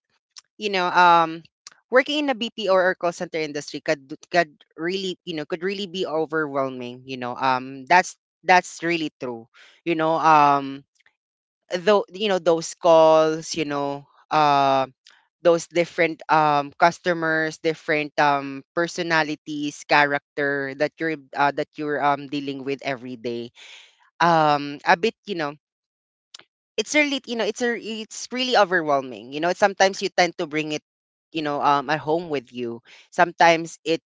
you know, working in a BPO or call center industry could really, you know, could really be overwhelming. You know, that's really true. You know, though you know those calls, you know, those different customers, different personalities, character that you're dealing with every day. A bit, you know, it's really, you know, it's really overwhelming. You know, sometimes you tend to bring it, you know, at home with you. Sometimes it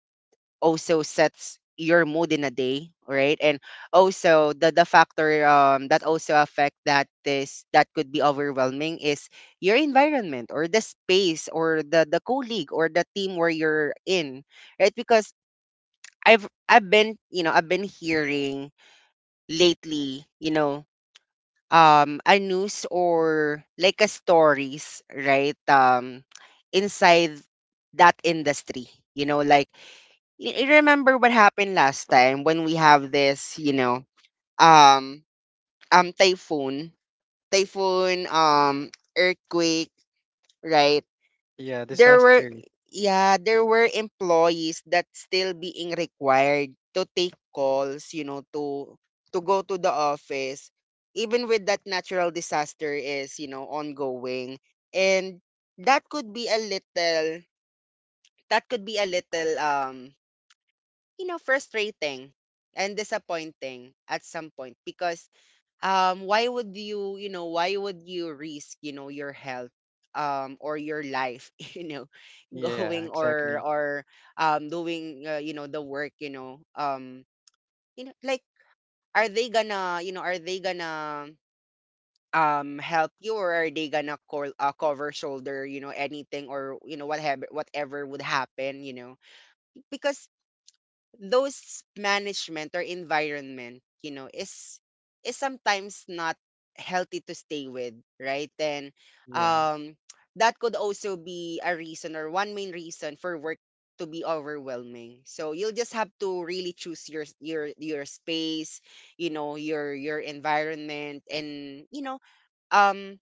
also sets your mood in a day, right? And also the factor that also affect that could be overwhelming is your environment, or the space, or the colleague or the team where you're in, right? Because I've been, you know, I've been hearing lately, you know, a news or like a stories, right? Inside that industry, you know, like you remember what happened last time when we have this, you know, um typhoon, typhoon um earthquake, right? Yeah, There were disaster. yeah there were employees that still being required to take calls, you know, to go to the office even with that natural disaster is, you know, ongoing. And that could be a little, that could be a little um you know, frustrating and disappointing at some point. Because why would you, you know, why would you risk, you know, your health, or your life, you know, Yeah, going or exactly. Doing, you know, the work, you know, you know, like are they gonna help you, or are they gonna call, cover shoulder, you know, anything, or, you know, whatever would happen, you know? Because those management or environment, you know, is sometimes not healthy to stay with, right? And Yeah, um that could also be a reason or one main reason for work to be overwhelming. So you'll just have to really choose your space, you know, your environment, and, you know, um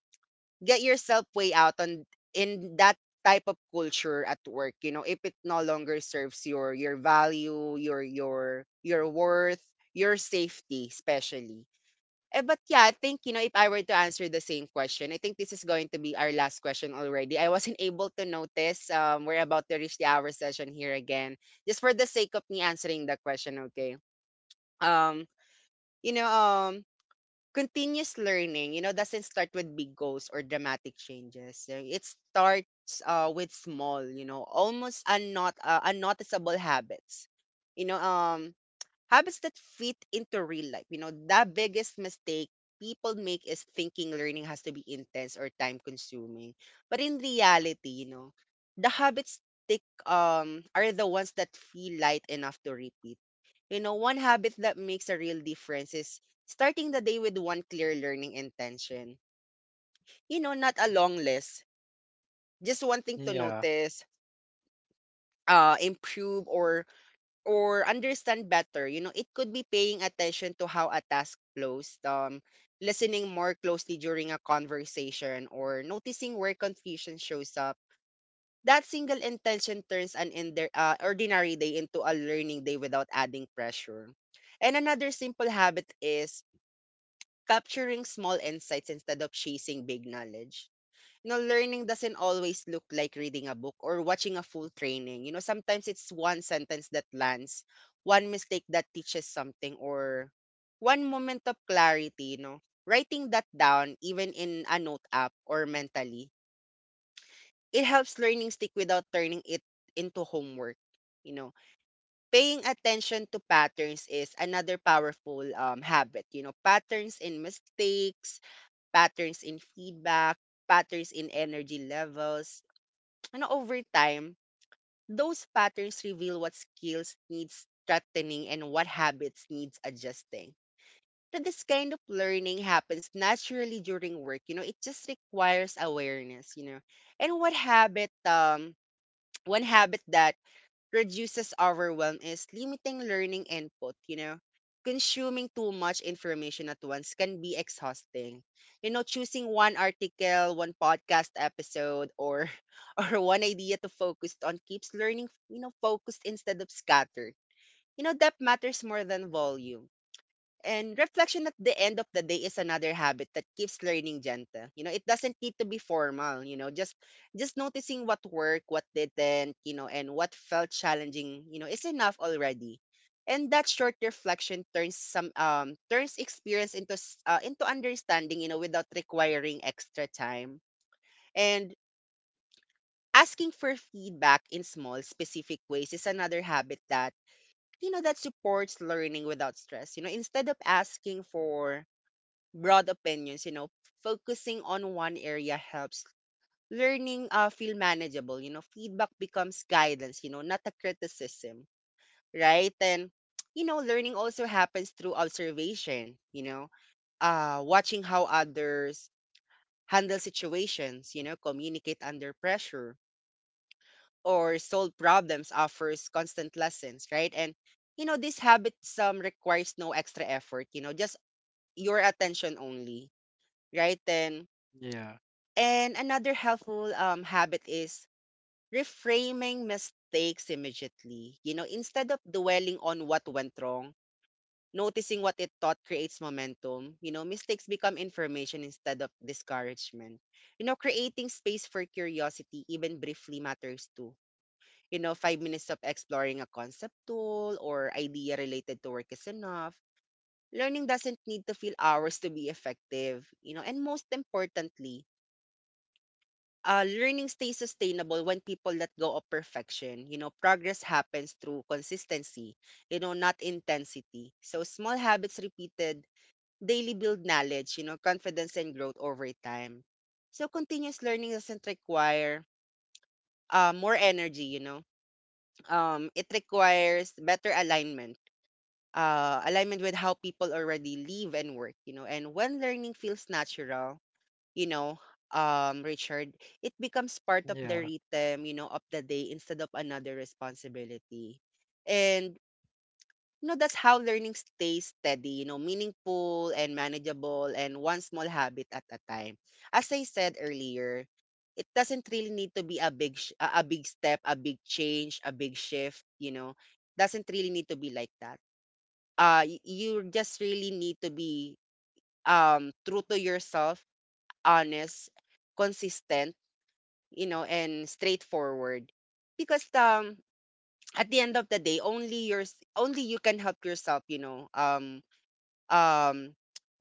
get yourself way out on in that type of culture at work, you know, if it no longer serves your value, your worth, your safety especially. Eh, but yeah, I think, you know, if I were to answer the same question, I think this is going to be our last question already. I wasn't able to notice we're about to reach the hour session here again. Just for the sake of me answering the question, okay, um you know, continuous learning, you know, doesn't start with big goals or dramatic changes. It starts with small, you know, almost unnoticeable habits. You know, habits that fit into real life. You know, the biggest mistake people make is thinking learning has to be intense or time consuming. But in reality, you know, the habits stick, are the ones that feel light enough to repeat. You know, one habit that makes a real difference is starting the day with one clear learning intention. You know, not a long list, just one thing to yeah, notice, improve, or understand better. You know, it could be paying attention to how a task flows, listening more closely during a conversation, or noticing where confusion shows up. That single intention turns an ordinary day into a learning day without adding pressure. And another simple habit is capturing small insights instead of chasing big knowledge. You know, learning doesn't always look like reading a book or watching a full training. You know, sometimes it's one sentence that lands, one mistake that teaches something, or one moment of clarity, you know. Writing that down, even in a note app or mentally, it helps learning stick without turning it into homework. You know, paying attention to patterns is another powerful habit. You know, patterns in mistakes, patterns in feedback, patterns in energy levels. And over time, those patterns reveal what skills needs strengthening and what habits needs adjusting. So this kind of learning happens naturally during work. You know, it just requires awareness, you know. And what habit one habit that reduces overwhelm is limiting learning input, you know. Consuming too much information at once can be exhausting. Choosing one article, one podcast episode, or or one idea to focus on keeps learning, focused instead of scattered. Depth matters more than volume and reflection at the end of the day is another habit that keeps learning gentle. It doesn't need to be formal, just noticing what worked, what didn't, and what felt challenging, is enough already. And that short reflection turns experience into understanding, without requiring extra time. And asking for feedback in small specific ways is another habit that that supports learning without stress. Instead of asking for broad opinions, focusing on one area helps learning feel manageable. Feedback becomes guidance, not a criticism, right? And, learning also happens through observation, watching how others handle situations, communicate under pressure or solve problems offers constant lessons, right? And, this habit requires no extra effort, just your attention only, right? And yeah. And another helpful habit is reframing mistakes immediately. Instead of dwelling on what went wrong, noticing what it taught creates momentum. Mistakes become information instead of discouragement. Creating space for curiosity, even briefly, matters too. 5 minutes of exploring a concept tool or idea related to work is enough. Learning doesn't need to feel hours to be effective. And most importantly, learning stays sustainable when people let go of perfection. Progress happens through consistency, not intensity. So small habits repeated daily build knowledge, confidence and growth over time. So continuous learning doesn't require more energy. It requires better alignment. Alignment with how people already live and work, and when learning feels natural, you know, Richard, it becomes part of the Yeah. rhythm, of the day instead of another responsibility. And, that's how learning stays steady, meaningful and manageable and one small habit at a time. As I said earlier, it doesn't really need to be a big step, a big change, a big shift. Doesn't really need to be like that. You just really need to be true to yourself, honest, consistent, and straightforward. Because at the end of the day, only you can help yourself, um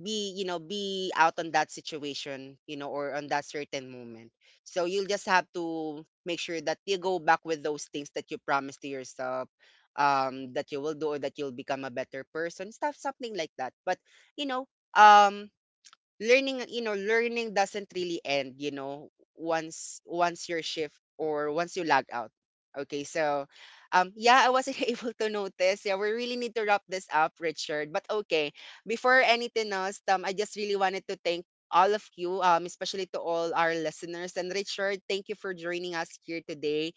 be, be out on that situation, or on that certain moment. So you'll just have to make sure that you go back with those things that you promised to yourself that you will do or that you'll become a better person stuff something like that but you know um learning doesn't really end once your shift or once you log out. Okay. So yeah, I wasn't able to notice. Yeah, we really need to wrap this up, Richard, but okay. Before anything else, I just really wanted to thank all of you, especially to all our listeners. And Richard, thank you for joining us here today.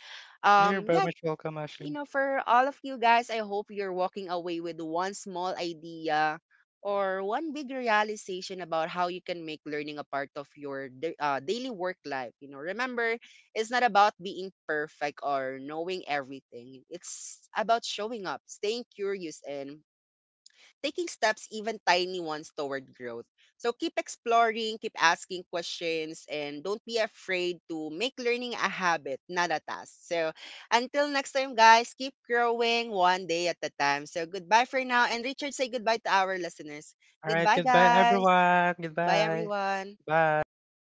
You're very yeah. much welcome, you Ashley. know, for all of you guys, I hope you're walking away with one small idea or one big realization about how you can make learning a part of your daily work life. Remember, it's not about being perfect or knowing everything. It's about showing up, staying curious, and taking steps, even tiny ones, toward growth. So keep exploring, keep asking questions, and don't be afraid to make learning a habit, not a task. So until next time, guys, keep growing one day at a time. So goodbye for now. And Richard, say goodbye to our listeners. All right. Goodbye, Goodbye, guys. everyone. Bye, Goodbye. everyone. Bye.